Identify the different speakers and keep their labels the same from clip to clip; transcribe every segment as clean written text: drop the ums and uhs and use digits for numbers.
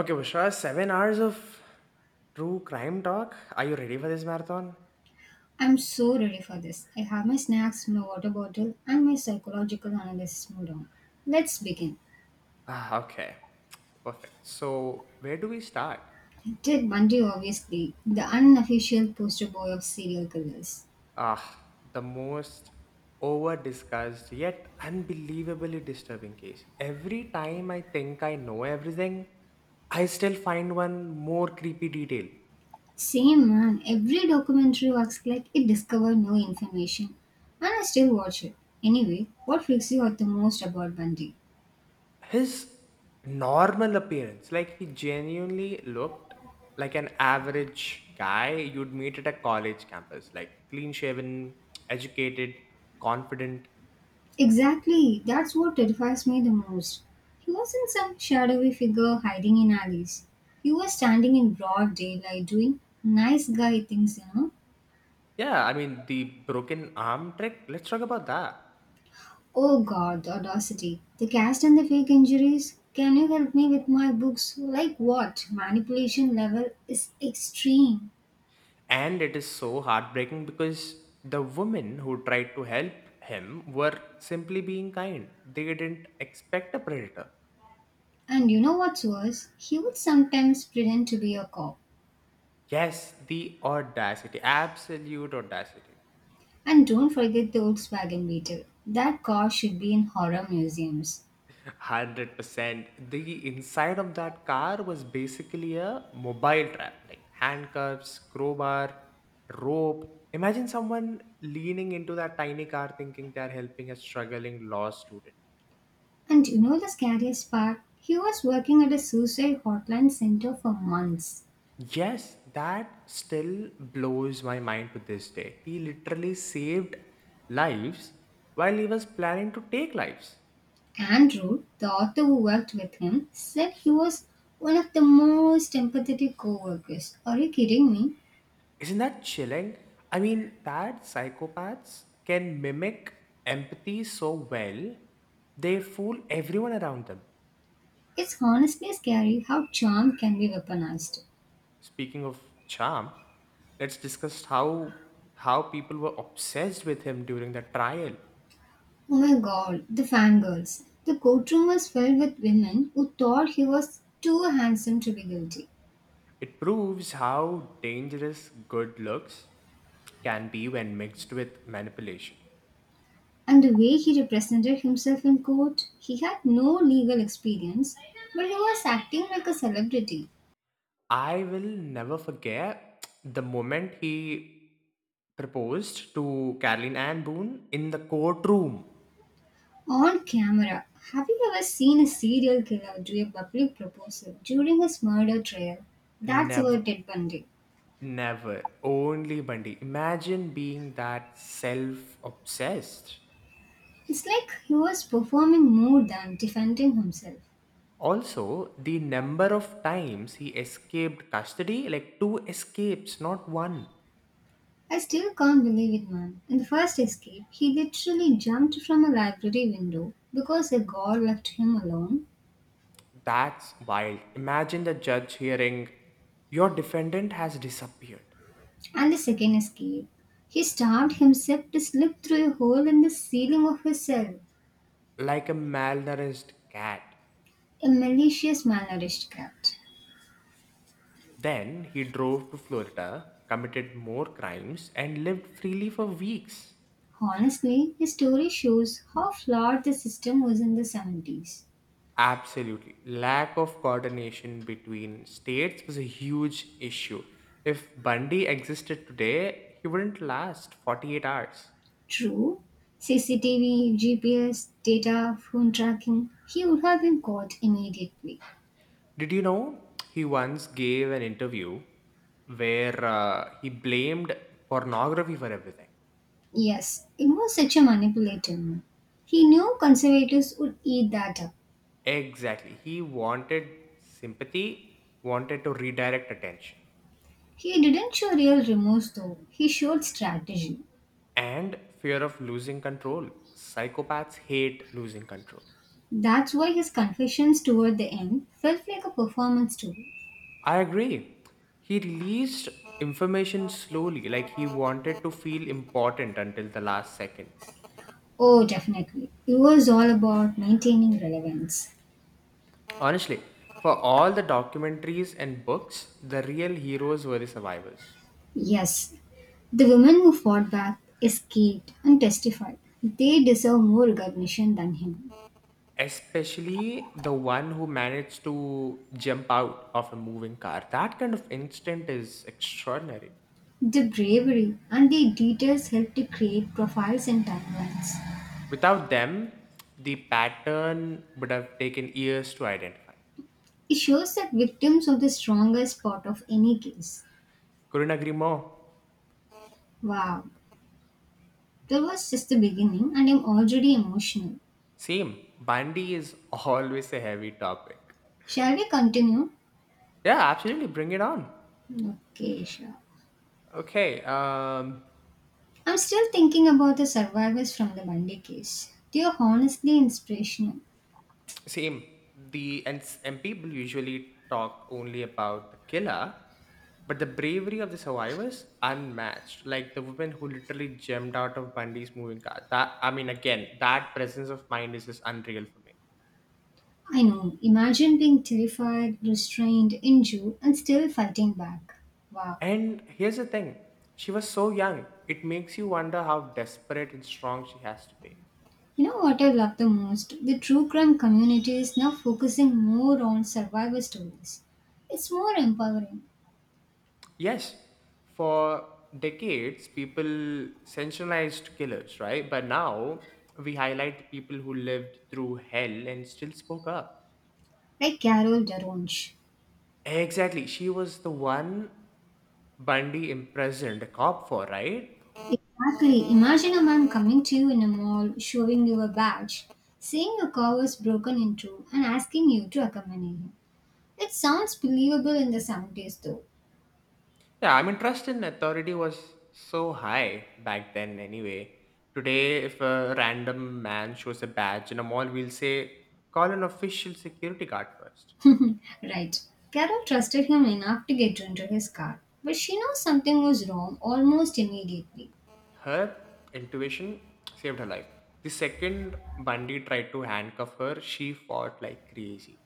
Speaker 1: Okay, Bushra, 7 hours of true crime talk. Are you ready for this marathon?
Speaker 2: I'm so ready for this. I have my snacks, my water bottle, and my psychological analysis mood on. Let's begin.
Speaker 1: Okay, perfect. So, where do we start?
Speaker 2: Ted Bundy, obviously, the unofficial poster boy of serial killers.
Speaker 1: Ah, the most over discussed yet unbelievably disturbing case. Every time I think I know everything, I still find one more creepy detail.
Speaker 2: Same man, every documentary acts like it discovered no information, and I still watch it. Anyway, what freaks you out the most about Bundy?
Speaker 1: His normal appearance, like, he genuinely looked like an average guy you'd meet at a college campus. Like, clean shaven, educated, confident.
Speaker 2: Exactly, that's what terrifies me the most. He wasn't some shadowy figure hiding in alleys. He was standing in broad daylight doing nice guy things, you know.
Speaker 1: Yeah, I mean, the broken arm trick, let's talk about that.
Speaker 2: Oh god, the audacity. The cast and the fake injuries. Can you help me with my books? Like what? Manipulation level is extreme.
Speaker 1: And it is so heartbreaking because the women who tried to help him were simply being kind. They didn't expect a predator.
Speaker 2: And you know what's worse? He would sometimes pretend to be a cop.
Speaker 1: Yes, the audacity, absolute audacity.
Speaker 2: And don't forget the Volkswagen Beetle. That car should be in horror museums.
Speaker 1: 100%. The inside of that car was basically a mobile trap, like handcuffs, crowbar, rope. Imagine someone leaning into that tiny car thinking they're helping a struggling law student.
Speaker 2: And you know the scariest part? He was working at a suicide hotline center for months.
Speaker 1: Yes, that still blows my mind to this day. He literally saved lives while he was planning to take lives.
Speaker 2: Andrew, the author who worked with him, said he was one of the most empathetic co workers. Are you kidding me?
Speaker 1: Isn't that chilling? I mean, that psychopaths can mimic empathy so well, they fool everyone around them.
Speaker 2: It's honestly scary how charm can be weaponized.
Speaker 1: Speaking of charm, let's discuss how people were obsessed with him during the trial.
Speaker 2: Oh my god, the fangirls. The courtroom was filled with women who thought he was too handsome to be guilty.
Speaker 1: It proves how dangerous good looks can be when mixed with manipulation.
Speaker 2: And the way he represented himself in court, he had no legal experience, but he was acting like a celebrity
Speaker 1: I will never forget the moment he proposed to Caroline Anne Boone in the courtroom.
Speaker 2: on camera. Have you ever seen a serial killer do a public proposal during his murder trial? That's
Speaker 1: Never,
Speaker 2: about Ted Bundy.
Speaker 1: never. Only Bundy. Imagine being that self obsessed.
Speaker 2: It's like he was performing more than defending himself.
Speaker 1: Also, the number of times he escaped custody, like two escapes, not one.
Speaker 2: I still can't believe it, man. In the first escape, he literally jumped from a library window because a guard left him alone
Speaker 1: That's wild. Imagine the judge hearing, "Your defendant has disappeared,"
Speaker 2: and the second escape. He starved himself to slip through a hole in the ceiling of his cell,
Speaker 1: like a malnourished cat.
Speaker 2: a malicious malnourished cat.
Speaker 1: Then he drove to Florida, committed more crimes, and lived freely for weeks.
Speaker 2: Honestly, his story shows how flawed the system was in the 70s.
Speaker 1: Absolutely. Lack of coordination between states was a huge issue. If Bundy existed today, he wouldn't last 48 hours.
Speaker 2: True, CCTV, GPS, data, phone tracking, he would have been caught immediately.
Speaker 1: Did you know he once gave an interview where he blamed pornography for everything?
Speaker 2: Yes, it was such a manipulative move. He knew conservatives would eat that up.
Speaker 1: Exactly. He wanted sympathy, wanted to redirect attention,
Speaker 2: He didn't show real remorse though, he showed strategy.
Speaker 1: and fear of losing control. Psychopaths hate losing control.
Speaker 2: That's why his confessions toward the end felt like a performance too.
Speaker 1: I agree. He released information slowly, like he wanted to feel important until the last second.
Speaker 2: Oh, definitely. It was all about maintaining relevance.
Speaker 1: Honestly, for all the documentaries and books, the real heroes were the survivors.
Speaker 2: Yes, the women who fought back, escaped, and testified. They deserve more recognition than him.
Speaker 1: Especially the one who managed to jump out of a moving car. That kind of instinct is extraordinary.
Speaker 2: The bravery and the details help to create profiles and timelines.
Speaker 1: Without them, the pattern would have taken years to identify.
Speaker 2: It shows that victims are the strongest part of any case.
Speaker 1: Couldn't agree more.
Speaker 2: Wow, that was just the beginning, and I'm already emotional.
Speaker 1: Same, Bundy is always a heavy topic.
Speaker 2: Shall we continue?
Speaker 1: Yeah, absolutely. Bring it on.
Speaker 2: Okay, sure.
Speaker 1: Okay.
Speaker 2: I'm still thinking about the survivors from the Bundy case. They are honestly inspirational.
Speaker 1: Same. And people usually talk only about the killer, but the bravery of the survivors unmatched. Like the woman who literally jumped out of Bundy's moving car. That I mean, again, that presence of mind is just unreal for me.
Speaker 2: I know, imagine being terrified, restrained, injured, and still fighting back. Wow.
Speaker 1: And here's the thing: she was so young. It makes you wonder how desperate and strong she has to be.
Speaker 2: You know what I love the most? The true crime community is now focusing more on survivor stories. It's more empowering,
Speaker 1: Yes, for decades, people sensationalized killers, right? But now we highlight people who lived through hell and still spoke up.
Speaker 2: like Carol Daronche.
Speaker 1: Exactly. She was the one Bundy imprisoned a cop for, right?
Speaker 2: Exactly. Imagine a man coming to you in a mall, showing you a badge, seeing your car was broken into, and asking you to accompany him. It sounds believable in the 70s, though.
Speaker 1: Yeah, I mean, trust in authority was so high back then, anyway. Today, if a random man shows a badge in a mall, we'll say, call an official security guard first.
Speaker 2: Right. Carol trusted him enough to get into his car, but she knew something was wrong almost immediately.
Speaker 1: Her intuition saved her life. The second Bundy tried to handcuff her, she fought like crazy.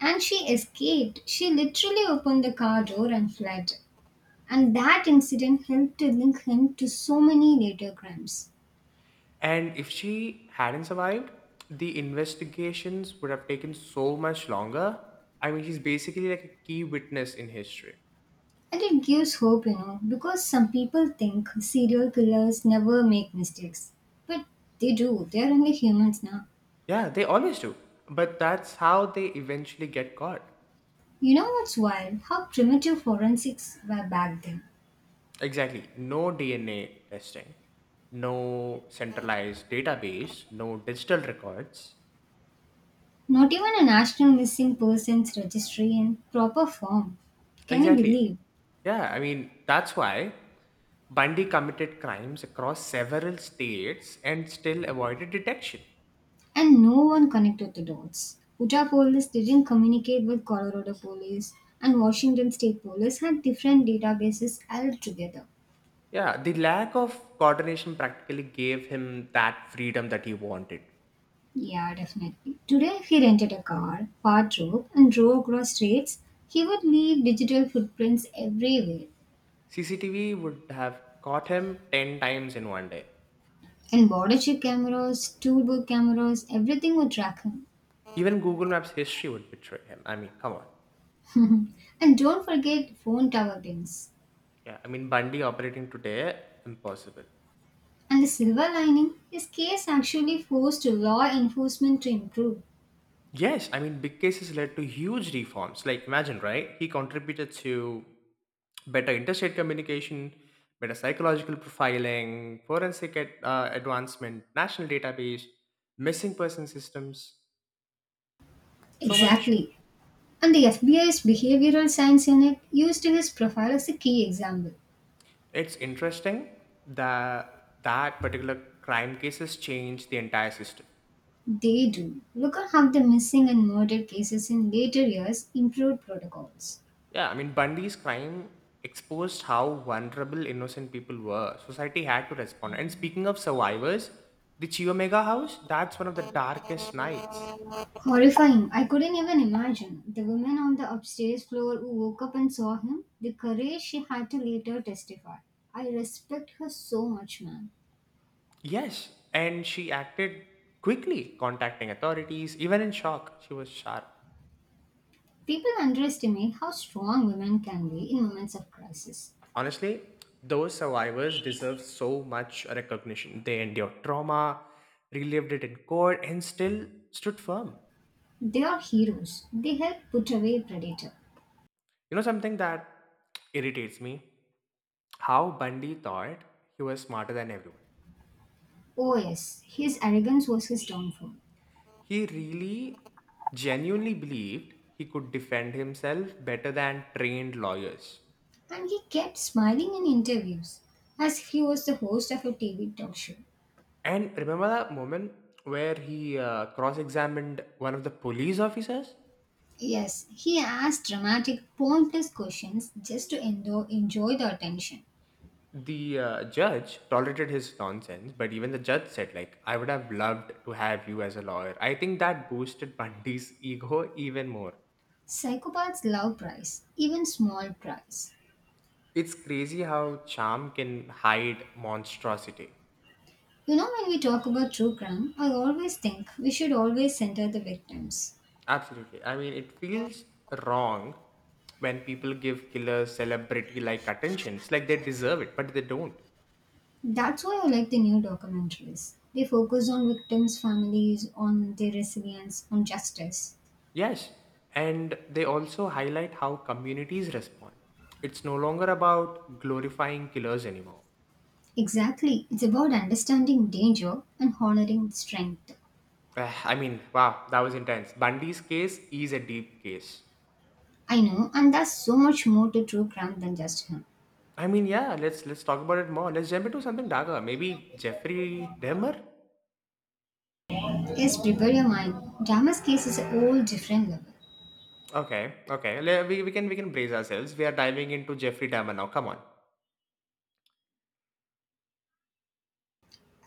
Speaker 2: And she escaped. She literally opened the car door and fled. And that incident helped to link him to so many later crimes.
Speaker 1: And if she hadn't survived, the investigations would have taken so much longer. I mean, she's basically like a key witness in history.
Speaker 2: And it gives hope, you know, because some people think serial killers never make mistakes. But they do, they're only humans now.
Speaker 1: Yeah, they always do. But that's how they eventually get caught.
Speaker 2: You know what's wild? How primitive forensics were back then.
Speaker 1: Exactly. No DNA testing, no centralized database, no digital records.
Speaker 2: Not even a national missing persons registry in proper form. Can you
Speaker 1: Exactly.
Speaker 2: believe?
Speaker 1: Yeah, I mean, that's why Bundy committed crimes across several states and still avoided detection.
Speaker 2: And no one connected the dots. Utah police didn't communicate with Colorado police, and Washington state police had different databases altogether.
Speaker 1: Yeah, the lack of coordination practically gave him that freedom that he wanted.
Speaker 2: Yeah, definitely. Today, if he rented a car, part road, and drove across states, he would leave digital footprints everywhere.
Speaker 1: CCTV would have caught him 10 times in one day.
Speaker 2: And border check cameras, toolbook cameras, everything would track him.
Speaker 1: Even Google Maps history would betray him. I mean, come on.
Speaker 2: And don't forget phone tower pings.
Speaker 1: Yeah, I mean, Bundy operating today, impossible.
Speaker 2: And the silver lining, his case actually forced law enforcement to improve.
Speaker 1: Yes, I mean, big cases led to huge reforms. Like, imagine, right? He contributed to better interstate communication, better psychological profiling, forensic advancement, national database, missing person systems, so much.
Speaker 2: Exactly. And the FBI's behavioral science unit used his profile as a key example.
Speaker 1: It's interesting that that particular crime cases changed the entire system.
Speaker 2: They do. Look at how the missing and murder cases in later years improved protocols.
Speaker 1: Yeah, I mean, Bundy's crime exposed how vulnerable innocent people were. Society had to respond. And speaking of survivors, the Chiomega house, that's one of the darkest nights.
Speaker 2: Horrifying. I couldn't even imagine. The woman on the upstairs floor who woke up and saw him, the courage she had to later testify. I respect her so much, man.
Speaker 1: Yes, and she acted quickly, contacting authorities, even in shock. She was sharp.
Speaker 2: People underestimate how strong women can be in moments of crisis.
Speaker 1: Honestly, those survivors deserve so much recognition. They endured trauma, relived it in court, and still stood firm.
Speaker 2: They are heroes. They help put away a predator.
Speaker 1: You know something that irritates me? How Bundy thought he was smarter than everyone.
Speaker 2: Oh yes, his arrogance was his downfall.
Speaker 1: He really genuinely believed he could defend himself better than trained lawyers.
Speaker 2: And he kept smiling in interviews as if he was the host of a TV talk show.
Speaker 1: And remember that moment where he cross examined one of the police officers?
Speaker 2: Yes, he asked dramatic, pointless questions just to enjoy the attention.
Speaker 1: The judge tolerated his nonsense, but even the judge said, like, I would have loved to have you as a lawyer. I think that boosted Bundy's ego even more.
Speaker 2: Psychopaths love price, even small price.
Speaker 1: It's crazy how charm can hide monstrosity.
Speaker 2: You know, when we talk about true crime, I always think we should always center the victims.
Speaker 1: Absolutely. I mean, it feels wrong when people give killers celebrity like attention. It's like they deserve it, but they don't.
Speaker 2: That's why I like the new documentaries. They focus on victims' families, on their resilience, on justice.
Speaker 1: Yes, and they also highlight how communities respond. It's no longer about glorifying killers anymore.
Speaker 2: Exactly. It's about understanding danger and honoring strength.
Speaker 1: I mean, wow, that was intense. Bundy's case is a deep case.
Speaker 2: I know, and there's so much more to true crime than just him.
Speaker 1: I mean, yeah, let's talk about it more. Let's jump into something darker. Maybe Jeffrey Dahmer.
Speaker 2: Yes, prepare your mind. Drama's case is a whole different level.
Speaker 1: Okay, okay, we can brace ourselves. We are diving into Jeffrey Dahmer now. Come on.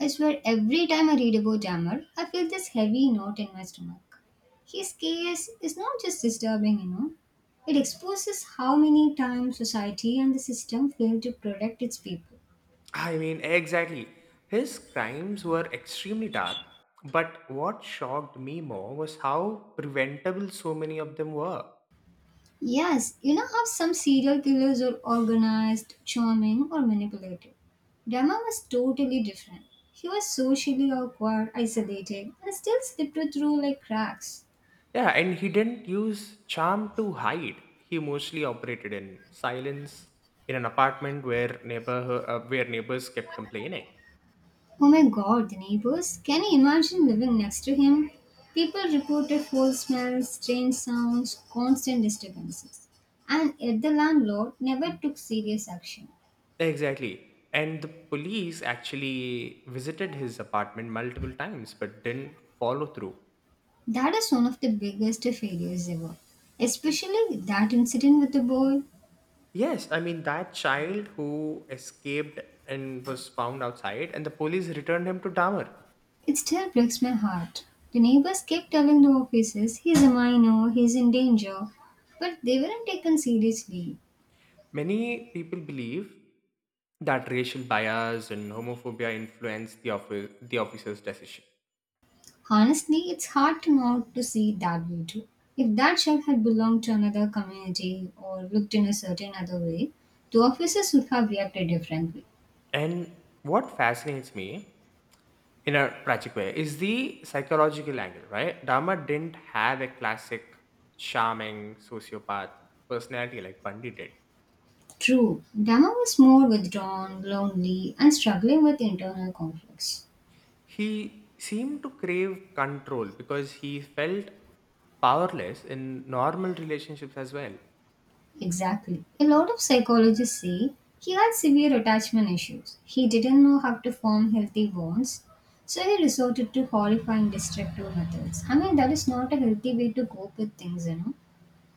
Speaker 2: I swear every time I read about Jammer, I feel this heavy knot in my stomach. His case is not just disturbing, you know. It exposes how many times society and the system fail to protect its people.
Speaker 1: I mean, exactly. His crimes were extremely dark, but what shocked me more was how preventable so many of them were.
Speaker 2: Yes, you know how some serial killers are organized, charming, or manipulative. Dama was totally different. He was socially awkward, isolated, and still slipped through like cracks.
Speaker 1: Yeah, and he didn't use charm to hide. He mostly operated in silence in an apartment where neighbor where neighbors kept complaining.
Speaker 2: Oh my god, the neighbors. Can you imagine living next to him? People reported foul smells, strange sounds, constant disturbances. And yet the landlord never took serious action.
Speaker 1: Exactly. And the police actually visited his apartment multiple times but didn't follow through.
Speaker 2: That is one of the biggest failures ever. Especially that incident with the boy.
Speaker 1: Yes, I mean that child who escaped and was found outside, and the police returned him to Dahmer.
Speaker 2: It still breaks my heart. The neighbors kept telling the officers he's a minor, he's in danger, but they weren't taken seriously.
Speaker 1: Many people believe that racial bias and homophobia influenced the officer's decision.
Speaker 2: Honestly, it's hard to not to see it that way too. If that shelf had belonged to another community or looked in a certain other way, the officers would have reacted differently.
Speaker 1: And what fascinates me in a tragic way is the psychological angle, right? Dahmer didn't have a classic charming sociopath personality like Bundy did.
Speaker 2: True, Dama was more withdrawn, lonely, and struggling with internal conflicts.
Speaker 1: He seemed to crave control because he felt powerless in normal relationships as well.
Speaker 2: Exactly. A lot of psychologists say he had severe attachment issues. He didn't know how to form healthy bonds, so he resorted to horrifying destructive methods. I mean, that is not a healthy way to cope with things, you know.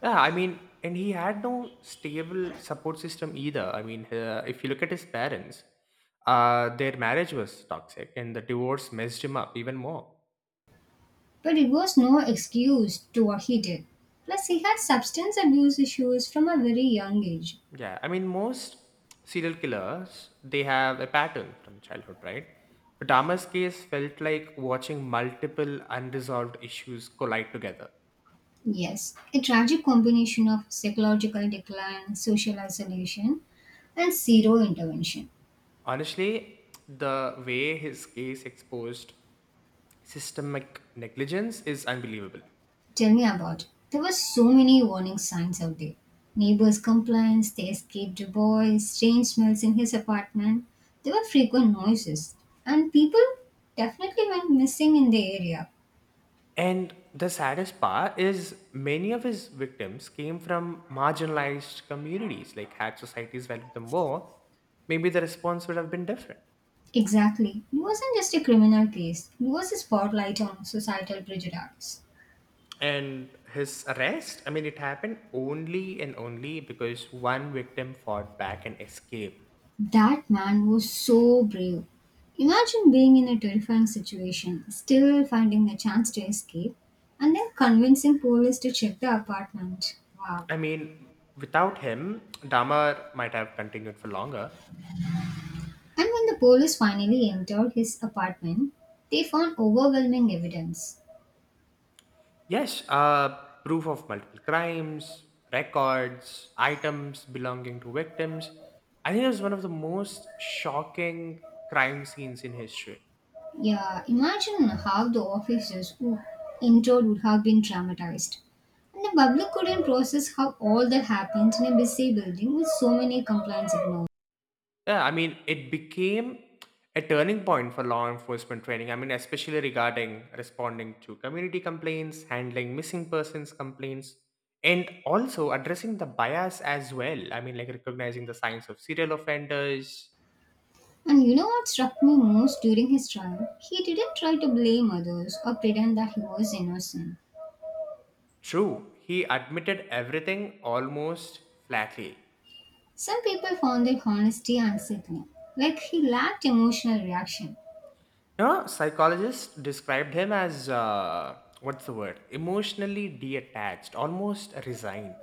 Speaker 1: Yeah, I mean, and he had no stable support system either. I mean, if you look at his parents, their marriage was toxic and the divorce messed him up even more.
Speaker 2: But it was no excuse to what he did. Plus, he had substance abuse issues from a very young age.
Speaker 1: Yeah, I mean, most serial killers, they have a pattern from childhood, right? But Dama's case felt like watching multiple unresolved issues collide together.
Speaker 2: Yes, a tragic combination of psychological decline, social isolation, and zero intervention.
Speaker 1: Honestly, the way his case exposed systemic negligence is unbelievable.
Speaker 2: Tell me about it. There were so many warning signs out there. Neighbors' complaints, the escaped boy, strange smells in his apartment. There were frequent noises, and people definitely went missing in the area.
Speaker 1: And the saddest part is many of his victims came from marginalized communities, like had societies valued them more, maybe the response would have been different.
Speaker 2: Exactly. It wasn't just a criminal case, it was a spotlight on societal prejudice.
Speaker 1: And his arrest, I mean, it happened only and only because one victim fought back and escaped.
Speaker 2: That man was so brave. Imagine being in a terrifying situation, still finding a chance to escape, and then convincing police to check the apartment. Wow.
Speaker 1: I mean, without him, Damar might have continued for longer.
Speaker 2: And when the police finally entered his apartment, they found overwhelming evidence.
Speaker 1: Yes, proof of multiple crimes, records, items belonging to victims. I think it's one of the most shocking crime scenes in history.
Speaker 2: Yeah, imagine how the officers who entered would have been traumatized. And the public couldn't process how all that happened in a busy building with so many complaints ignored.
Speaker 1: Yeah, I mean, it became a turning point for law enforcement training. I mean, especially regarding responding to community complaints, handling missing persons complaints, and also addressing the bias as well. I mean, like recognizing the signs of serial offenders.
Speaker 2: And you know what struck me most during his trial? He didn't try to blame others or pretend that he was innocent.
Speaker 1: True, he admitted everything almost flatly.
Speaker 2: Some people found their honesty unsettling, like he lacked emotional reaction.
Speaker 1: You know, psychologists described him as, what's the word? Emotionally detached, almost resigned.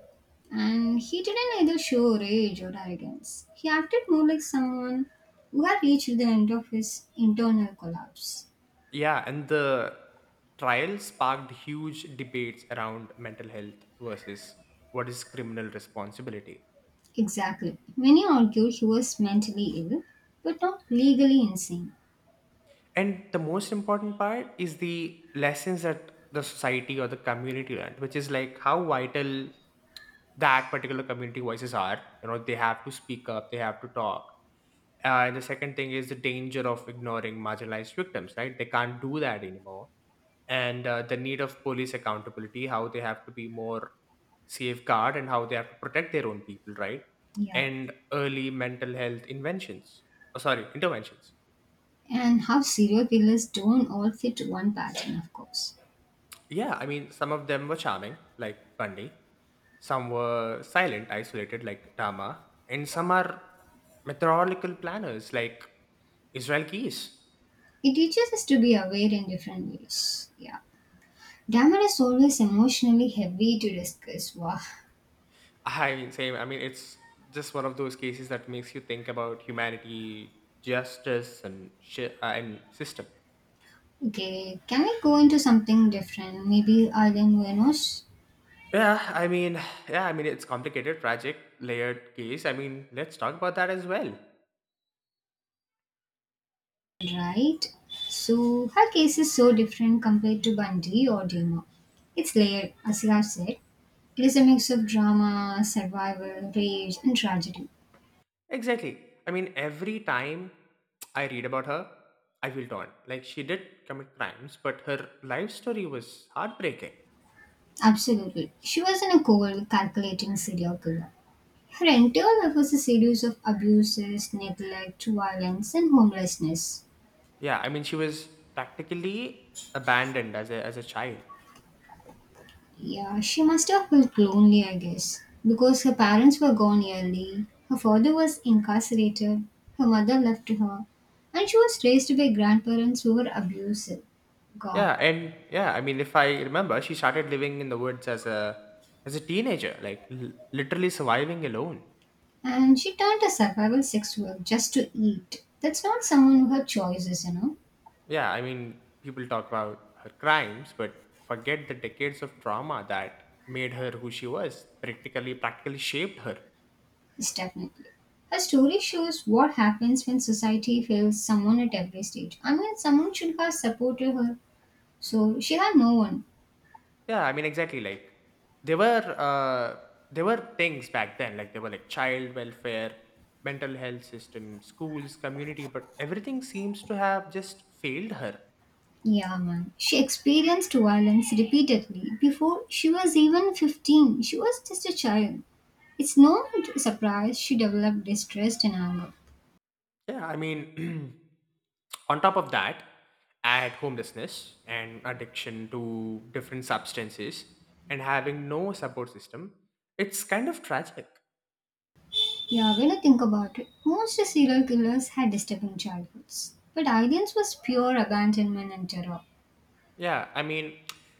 Speaker 2: And he didn't either show rage or arrogance. He acted more like someone who had reached the end of his internal collapse.
Speaker 1: Yeah, and the trial sparked huge debates around mental health versus what is criminal responsibility.
Speaker 2: Exactly. Many argue he was mentally ill, but not legally insane.
Speaker 1: And the most important part is the lessons that the society or the community learned, which is like how vital that particular community voices are. You know, they have to speak up, they have to talk. And the second thing is the danger of ignoring marginalized victims, right? They can't do that anymore. And the need of police accountability, how they have to be more safeguard and how they have to protect their own people, right?
Speaker 2: Yeah.
Speaker 1: And early mental health inventions, oh, sorry, interventions.
Speaker 2: And how serial killers don't all fit one pattern, of course.
Speaker 1: Yeah, I mean, some of them were charming, like Bunny. Some were silent, isolated, like Dama. And some are methodical planners, like Israel Keys.
Speaker 2: It teaches us to be aware in different ways. Yeah. Damon is always emotionally heavy to discuss. Wow.
Speaker 1: I mean, same. I mean, it's just one of those cases that makes you think about humanity, justice, and system.
Speaker 2: Okay, can we go into something different? Maybe Island Venus?
Speaker 1: Yeah, I mean, yeah, I mean, it's complicated, tragic, layered case. I mean, let's talk about that as well.
Speaker 2: Right. So her case is so different compared to Bundy or Duma. It's layered, as you have said. It is a mix of drama, survival, rage, and tragedy.
Speaker 1: Exactly. I mean, every time I read about her, I feel torn. Like, she did commit crimes, but her life story was heartbreaking.
Speaker 2: Absolutely. She wasn't a cold, calculating serial killer. Her entire life was a series of abuses, neglect, violence, and homelessness.
Speaker 1: Yeah, I mean, she was practically abandoned as as a child.
Speaker 2: Yeah, she must have felt lonely, I guess, because her parents were gone early, her father was incarcerated, her mother left her, and she was raised by grandparents who were abusive. God.
Speaker 1: Yeah, and I mean, if I remember, she started living in the woods as a teenager, like literally surviving alone.
Speaker 2: And she turned to survival sex work just to eat. That's not someone who had choices, you know.
Speaker 1: Yeah, I mean, people talk about her crimes, but forget the decades of trauma that made her who she was. Practically shaped her.
Speaker 2: It's definitely. Her story shows what happens when society fails someone at every stage. I mean, someone should have supported her, so she had no one.
Speaker 1: Yeah, I mean exactly like there were uh there were things back then, like there were like child welfare, mental health system, schools, community, but everything seems to have just failed her.
Speaker 2: Yeah, man. She experienced violence repeatedly before she was even 15. She was just a child. It's no surprise she developed distress and anger.
Speaker 1: Yeah, I mean, on top of that, add homelessness and addiction to different substances and having no support system, it's kind of tragic.
Speaker 2: Yeah, when I think about it, most serial killers had disturbing childhoods. But Eileen's was pure abandonment and terror.
Speaker 1: Yeah, I mean,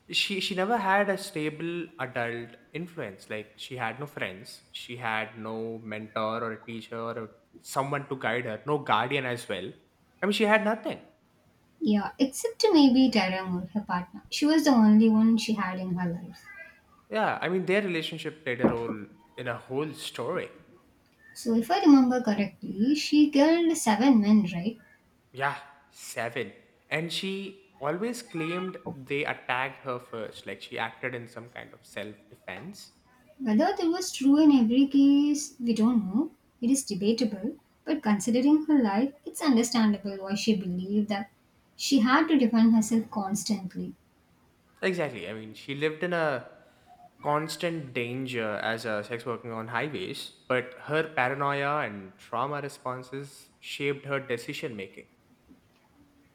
Speaker 1: she never had a stable adult influence. Like she had no friends, she had no mentor or a teacher or someone to guide her, no guardian as well. I mean, she had nothing.
Speaker 2: Yeah, except maybe Tara Moore, her partner. She was the only one she had in her life.
Speaker 1: Yeah, I mean, their relationship played a role in a whole story.
Speaker 2: So, if I remember correctly, she killed 7 men, right?
Speaker 1: Yeah, seven. And she always claimed they attacked her first, like she acted in some kind of self defense.
Speaker 2: Whether that was true in every case, we don't know. It is debatable, but considering her life, it's understandable why she believed that she had to defend herself constantly.
Speaker 1: Exactly. I mean, she lived in a constant danger as a sex worker on highways, but her paranoia and trauma responses shaped her decision making.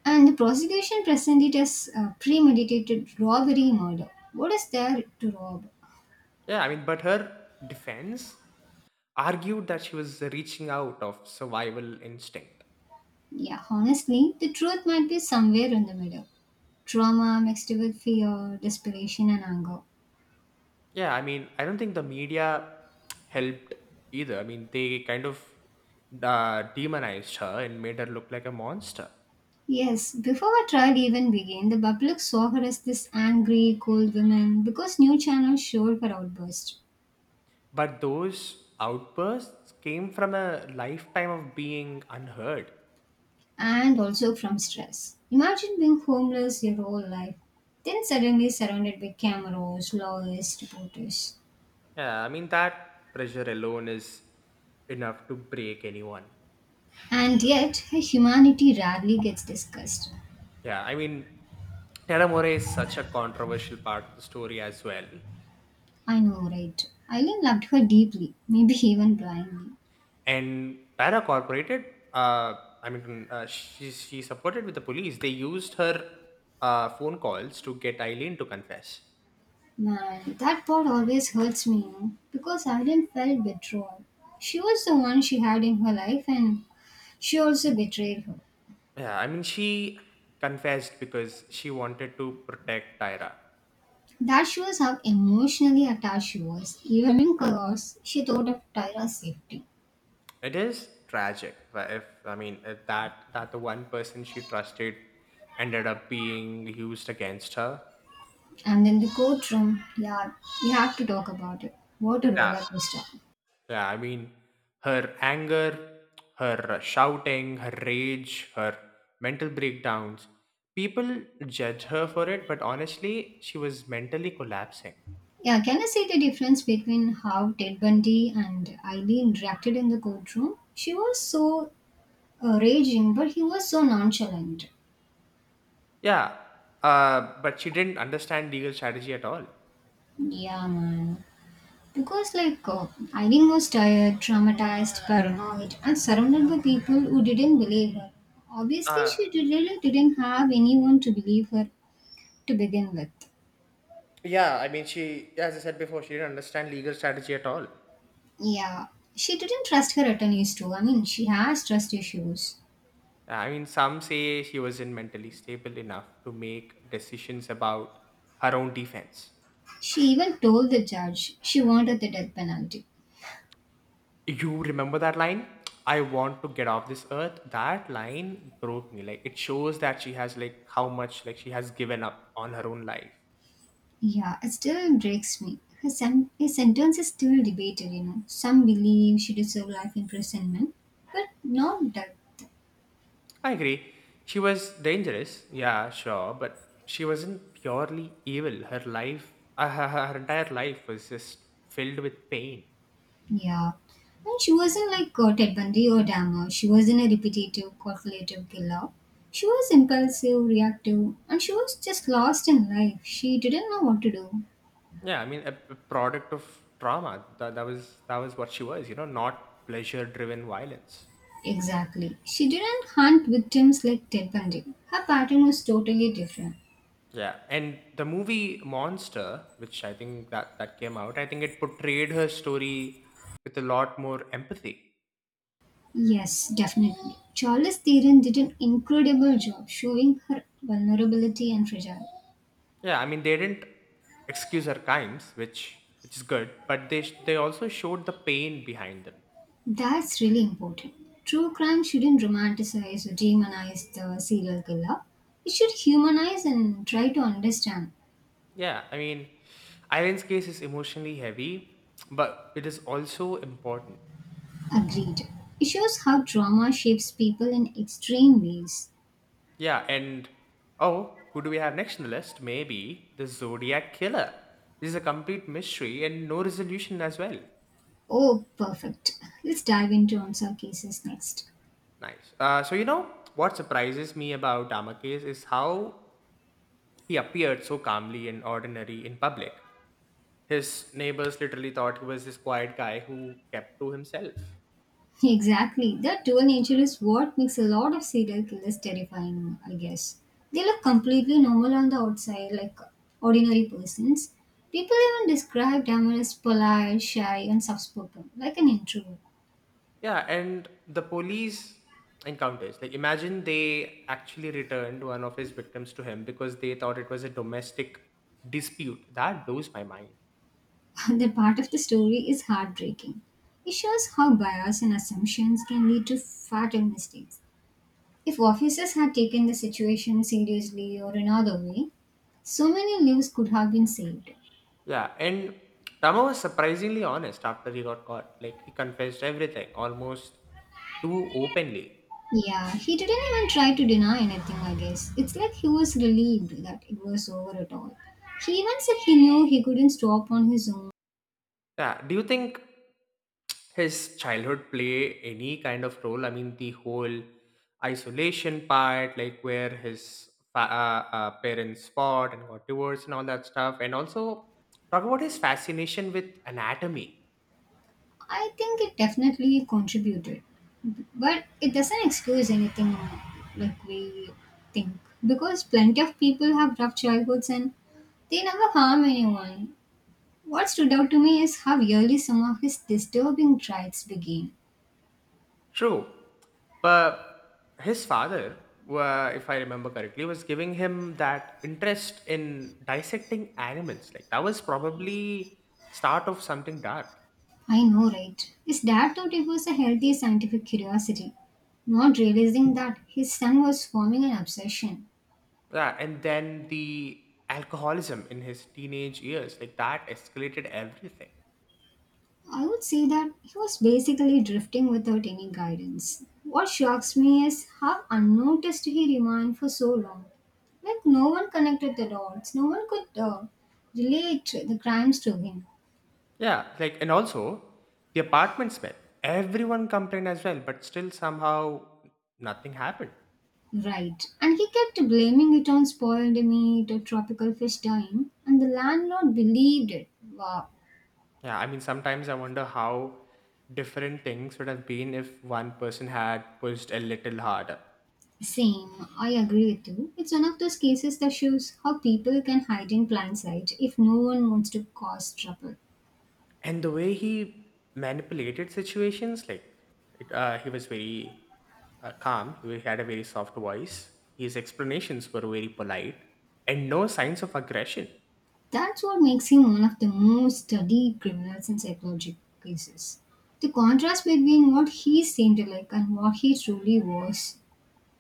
Speaker 2: And the prosecution presented it as a premeditated robbery murder. What is there to rob?
Speaker 1: Yeah, I mean, but her defense argued that she was reaching out of survival instinct.
Speaker 2: Yeah, honestly, the truth might be somewhere in the middle. Trauma mixed with fear, desperation, and anger.
Speaker 1: Yeah, I mean, I don't think the media helped either. I mean, they kind of demonized her and made her look like a monster.
Speaker 2: Yes, before her trial even began, the public saw her as this angry, cold woman because new channels showed her outburst
Speaker 1: But those outbursts came from a lifetime of being unheard.
Speaker 2: and also from stress. Imagine being homeless your whole life, then suddenly surrounded by cameras, lawyers, reporters.
Speaker 1: Yeah, I mean that pressure alone is enough to break anyone.
Speaker 2: And yet, her humanity rarely gets discussed.
Speaker 1: Yeah, I mean Terramore is such a controversial part of the story as well.
Speaker 2: I know, right? Eileen loved her deeply, maybe even blindly.
Speaker 1: And Para cooperated. Uh, I mean, she supported with the police. They used her phone calls to get Eileen to confess.
Speaker 2: Man, that part always hurts me, you know, because Eileen felt betrayal. She was the one she had in her life, and she also betrayed her.
Speaker 1: Yeah, I mean she confessed because she wanted to protect Tyra.
Speaker 2: That shows how emotionally attached she was, even in chaos. She thought of Tyra's safety.
Speaker 1: It is tragic. But If I mean if that that the one person she trusted ended up being used against her.
Speaker 2: And in the courtroom, yeah, we have to talk about it. What a
Speaker 1: Yeah,
Speaker 2: roller coaster.
Speaker 1: yeah. I mean, her anger, her shouting, her rage, her mental breakdowns. People judge her for it, but honestly, she was mentally collapsing.
Speaker 2: Yeah, can I see the difference between how Ted Bundy and Eileen interacted in the courtroom? She was so raging, but he was so nonchalant.
Speaker 1: Yeah, but she didn't understand legal strategy at all.
Speaker 2: Yeah, man. Because, like, Irene was tired, traumatized, paranoid, and surrounded by people who didn't believe her. Obviously,
Speaker 1: Uh,
Speaker 2: really didn't have anyone to believe her to begin with.
Speaker 1: yeah, I mean, she, as I said before, she didn't understand legal strategy at all.
Speaker 2: Yeah, she didn't trust her attorneys, too. I mean, she has trust issues.
Speaker 1: I mean, some say she wasn't mentally stable enough to make decisions about her own defense.
Speaker 2: She even told the judge she wanted the death penalty.
Speaker 1: You remember that line? I want to get off this earth. That line broke me. Like it shows that she has like how much like she has given up on her own life.
Speaker 2: Yeah, it still breaks me. Her sentence is still debated, you know. Some believe she deserved life imprisonment, but not death.
Speaker 1: I agree. She was dangerous, yeah, sure, but she wasn't purely evil. Her life, her, her entire life was just filled with pain.
Speaker 2: Yeah. And she wasn't like Ted Bundy or Dahmer. She wasn't a repetitive, calculative killer. She was impulsive, reactive, and she was just lost in life. She didn't know what to do.
Speaker 1: Yeah, I mean, a product of trauma. That was what she was, you know, not pleasure-driven violence.
Speaker 2: Exactly. She didn't hunt victims like Ted Bundy. Her pattern was totally different.
Speaker 1: Yeah, and the movie Monster, which I think that came out, I think it portrayed her story with a lot more empathy.
Speaker 2: Yes, definitely. Charles Theron did an incredible job showing her vulnerability and fragility.
Speaker 1: Yeah, I mean, they didn't excuse her crimes, which is good, but they also showed the pain behind them.
Speaker 2: That's really important. True crime shouldn't romanticize or demonize the serial killer. It should humanize and try to understand.
Speaker 1: Yeah, I mean, Irene's case is emotionally heavy, but it is also important.
Speaker 2: Agreed. It shows how trauma shapes people in extreme ways.
Speaker 1: Yeah, and oh, who do we have next on the list? Maybe the Zodiac Killer. This is a complete mystery and no resolution as well.
Speaker 2: Oh, perfect. Let's dive into unsolved cases next.
Speaker 1: Nice. So what surprises me about Damakes is how he appeared so calmly and ordinary in public. His neighbors literally thought he was this quiet guy who kept to himself.
Speaker 2: Exactly. That dual nature is what makes a lot of serial killers terrifying, I guess. They look completely normal on the outside, like ordinary persons. People even describe them as polite, shy, and soft-spoken, like an introvert.
Speaker 1: Yeah, and the police encounters. Like, imagine they actually returned one of his victims to him because they thought it was a domestic dispute. That blows my mind.
Speaker 2: That part of the story is heartbreaking. It shows how bias and assumptions can lead to fatal mistakes. If officers had taken the situation seriously or another way, so many lives could have been saved.
Speaker 1: Yeah, and Tama was surprisingly honest after he got caught. Like, he confessed everything almost too openly.
Speaker 2: Yeah, he didn't even try to deny anything, I guess. It's like he was relieved that it was over at all. He even said he knew he couldn't stop on his own.
Speaker 1: Yeah, do you think his childhood play any kind of role? I mean, the whole isolation part, like where his parents fought and got divorced and all that stuff, and also talk about his fascination with anatomy.
Speaker 2: I think it definitely contributed. But it doesn't excuse anything like we think. Because plenty of people have rough childhoods and they never harm anyone. What stood out to me is how early some of his disturbing traits began.
Speaker 1: True, but his father, if I remember correctly, was giving him that interest in dissecting animals. Like that was probably start of something dark.
Speaker 2: I know, right? His dad thought it was a healthy scientific curiosity, not realizing that his son was forming an obsession.
Speaker 1: Yeah, and then the alcoholism in his teenage years, like that escalated everything.
Speaker 2: I would say that he was basically drifting without any guidance. What shocks me is how unnoticed he remained for so long. Like, no one connected the dots, no one could relate the crimes to him.
Speaker 1: Yeah, like, and also the apartment smell. Everyone complained as well, but still somehow nothing happened.
Speaker 2: Right. And he kept blaming it on spoiled meat or tropical fish dying, and the landlord believed it. Wow.
Speaker 1: Yeah, I mean, sometimes I wonder how different things would have been if one person had pushed a little harder.
Speaker 2: Same, I agree with you. It's one of those cases that shows how people can hide in plain sight if no one wants to cause trouble.
Speaker 1: And the way he manipulated situations, like it, he was very calm, he had a very soft voice, his explanations were very polite, and no signs of aggression.
Speaker 2: That's what makes him one of the most studied criminals in psychological cases. The contrast between what he seemed like and what he truly was.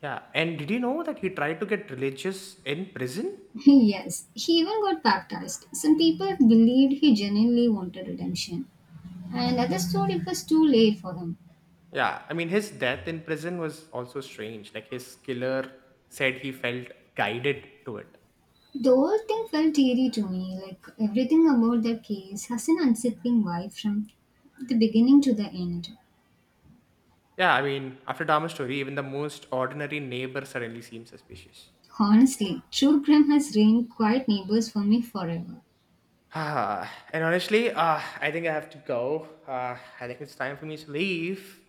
Speaker 1: Yeah, and did you know that he tried to get religious in prison?
Speaker 2: Yes, he even got baptized. Some people believed he genuinely wanted redemption, and others thought it was too late for him.
Speaker 1: Yeah, I mean his death in prison was also strange, like his killer said he felt guided to it.
Speaker 2: The whole thing felt eerie to me, like everything about that case has an unsettling vibe from the beginning to the end.
Speaker 1: Yeah, I mean after Dharma's story even the most ordinary neighbor suddenly seems suspicious.
Speaker 2: Honestly, true crime has remained quiet neighbors for me forever.
Speaker 1: Ah, and honestly, I think I have to go. I think it's time for me to leave.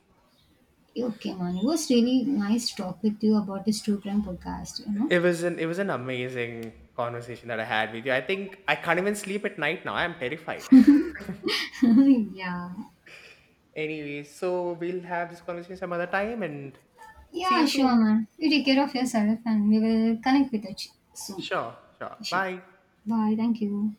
Speaker 2: Okay, man, it was really nice to talk with you about this true crime podcast, you
Speaker 1: It was an amazing conversation that I had with you. I think I can't even sleep at night now. I'm terrified.
Speaker 2: know? Yeah.
Speaker 1: Anyway, so we'll have this conversation some other time and see you
Speaker 2: Yeah, sure,
Speaker 1: soon.
Speaker 2: man. You take care of yourself and we will connect with each soon.
Speaker 1: Sure, sure.
Speaker 2: Sure.
Speaker 1: Bye.
Speaker 2: Bye. Thank you.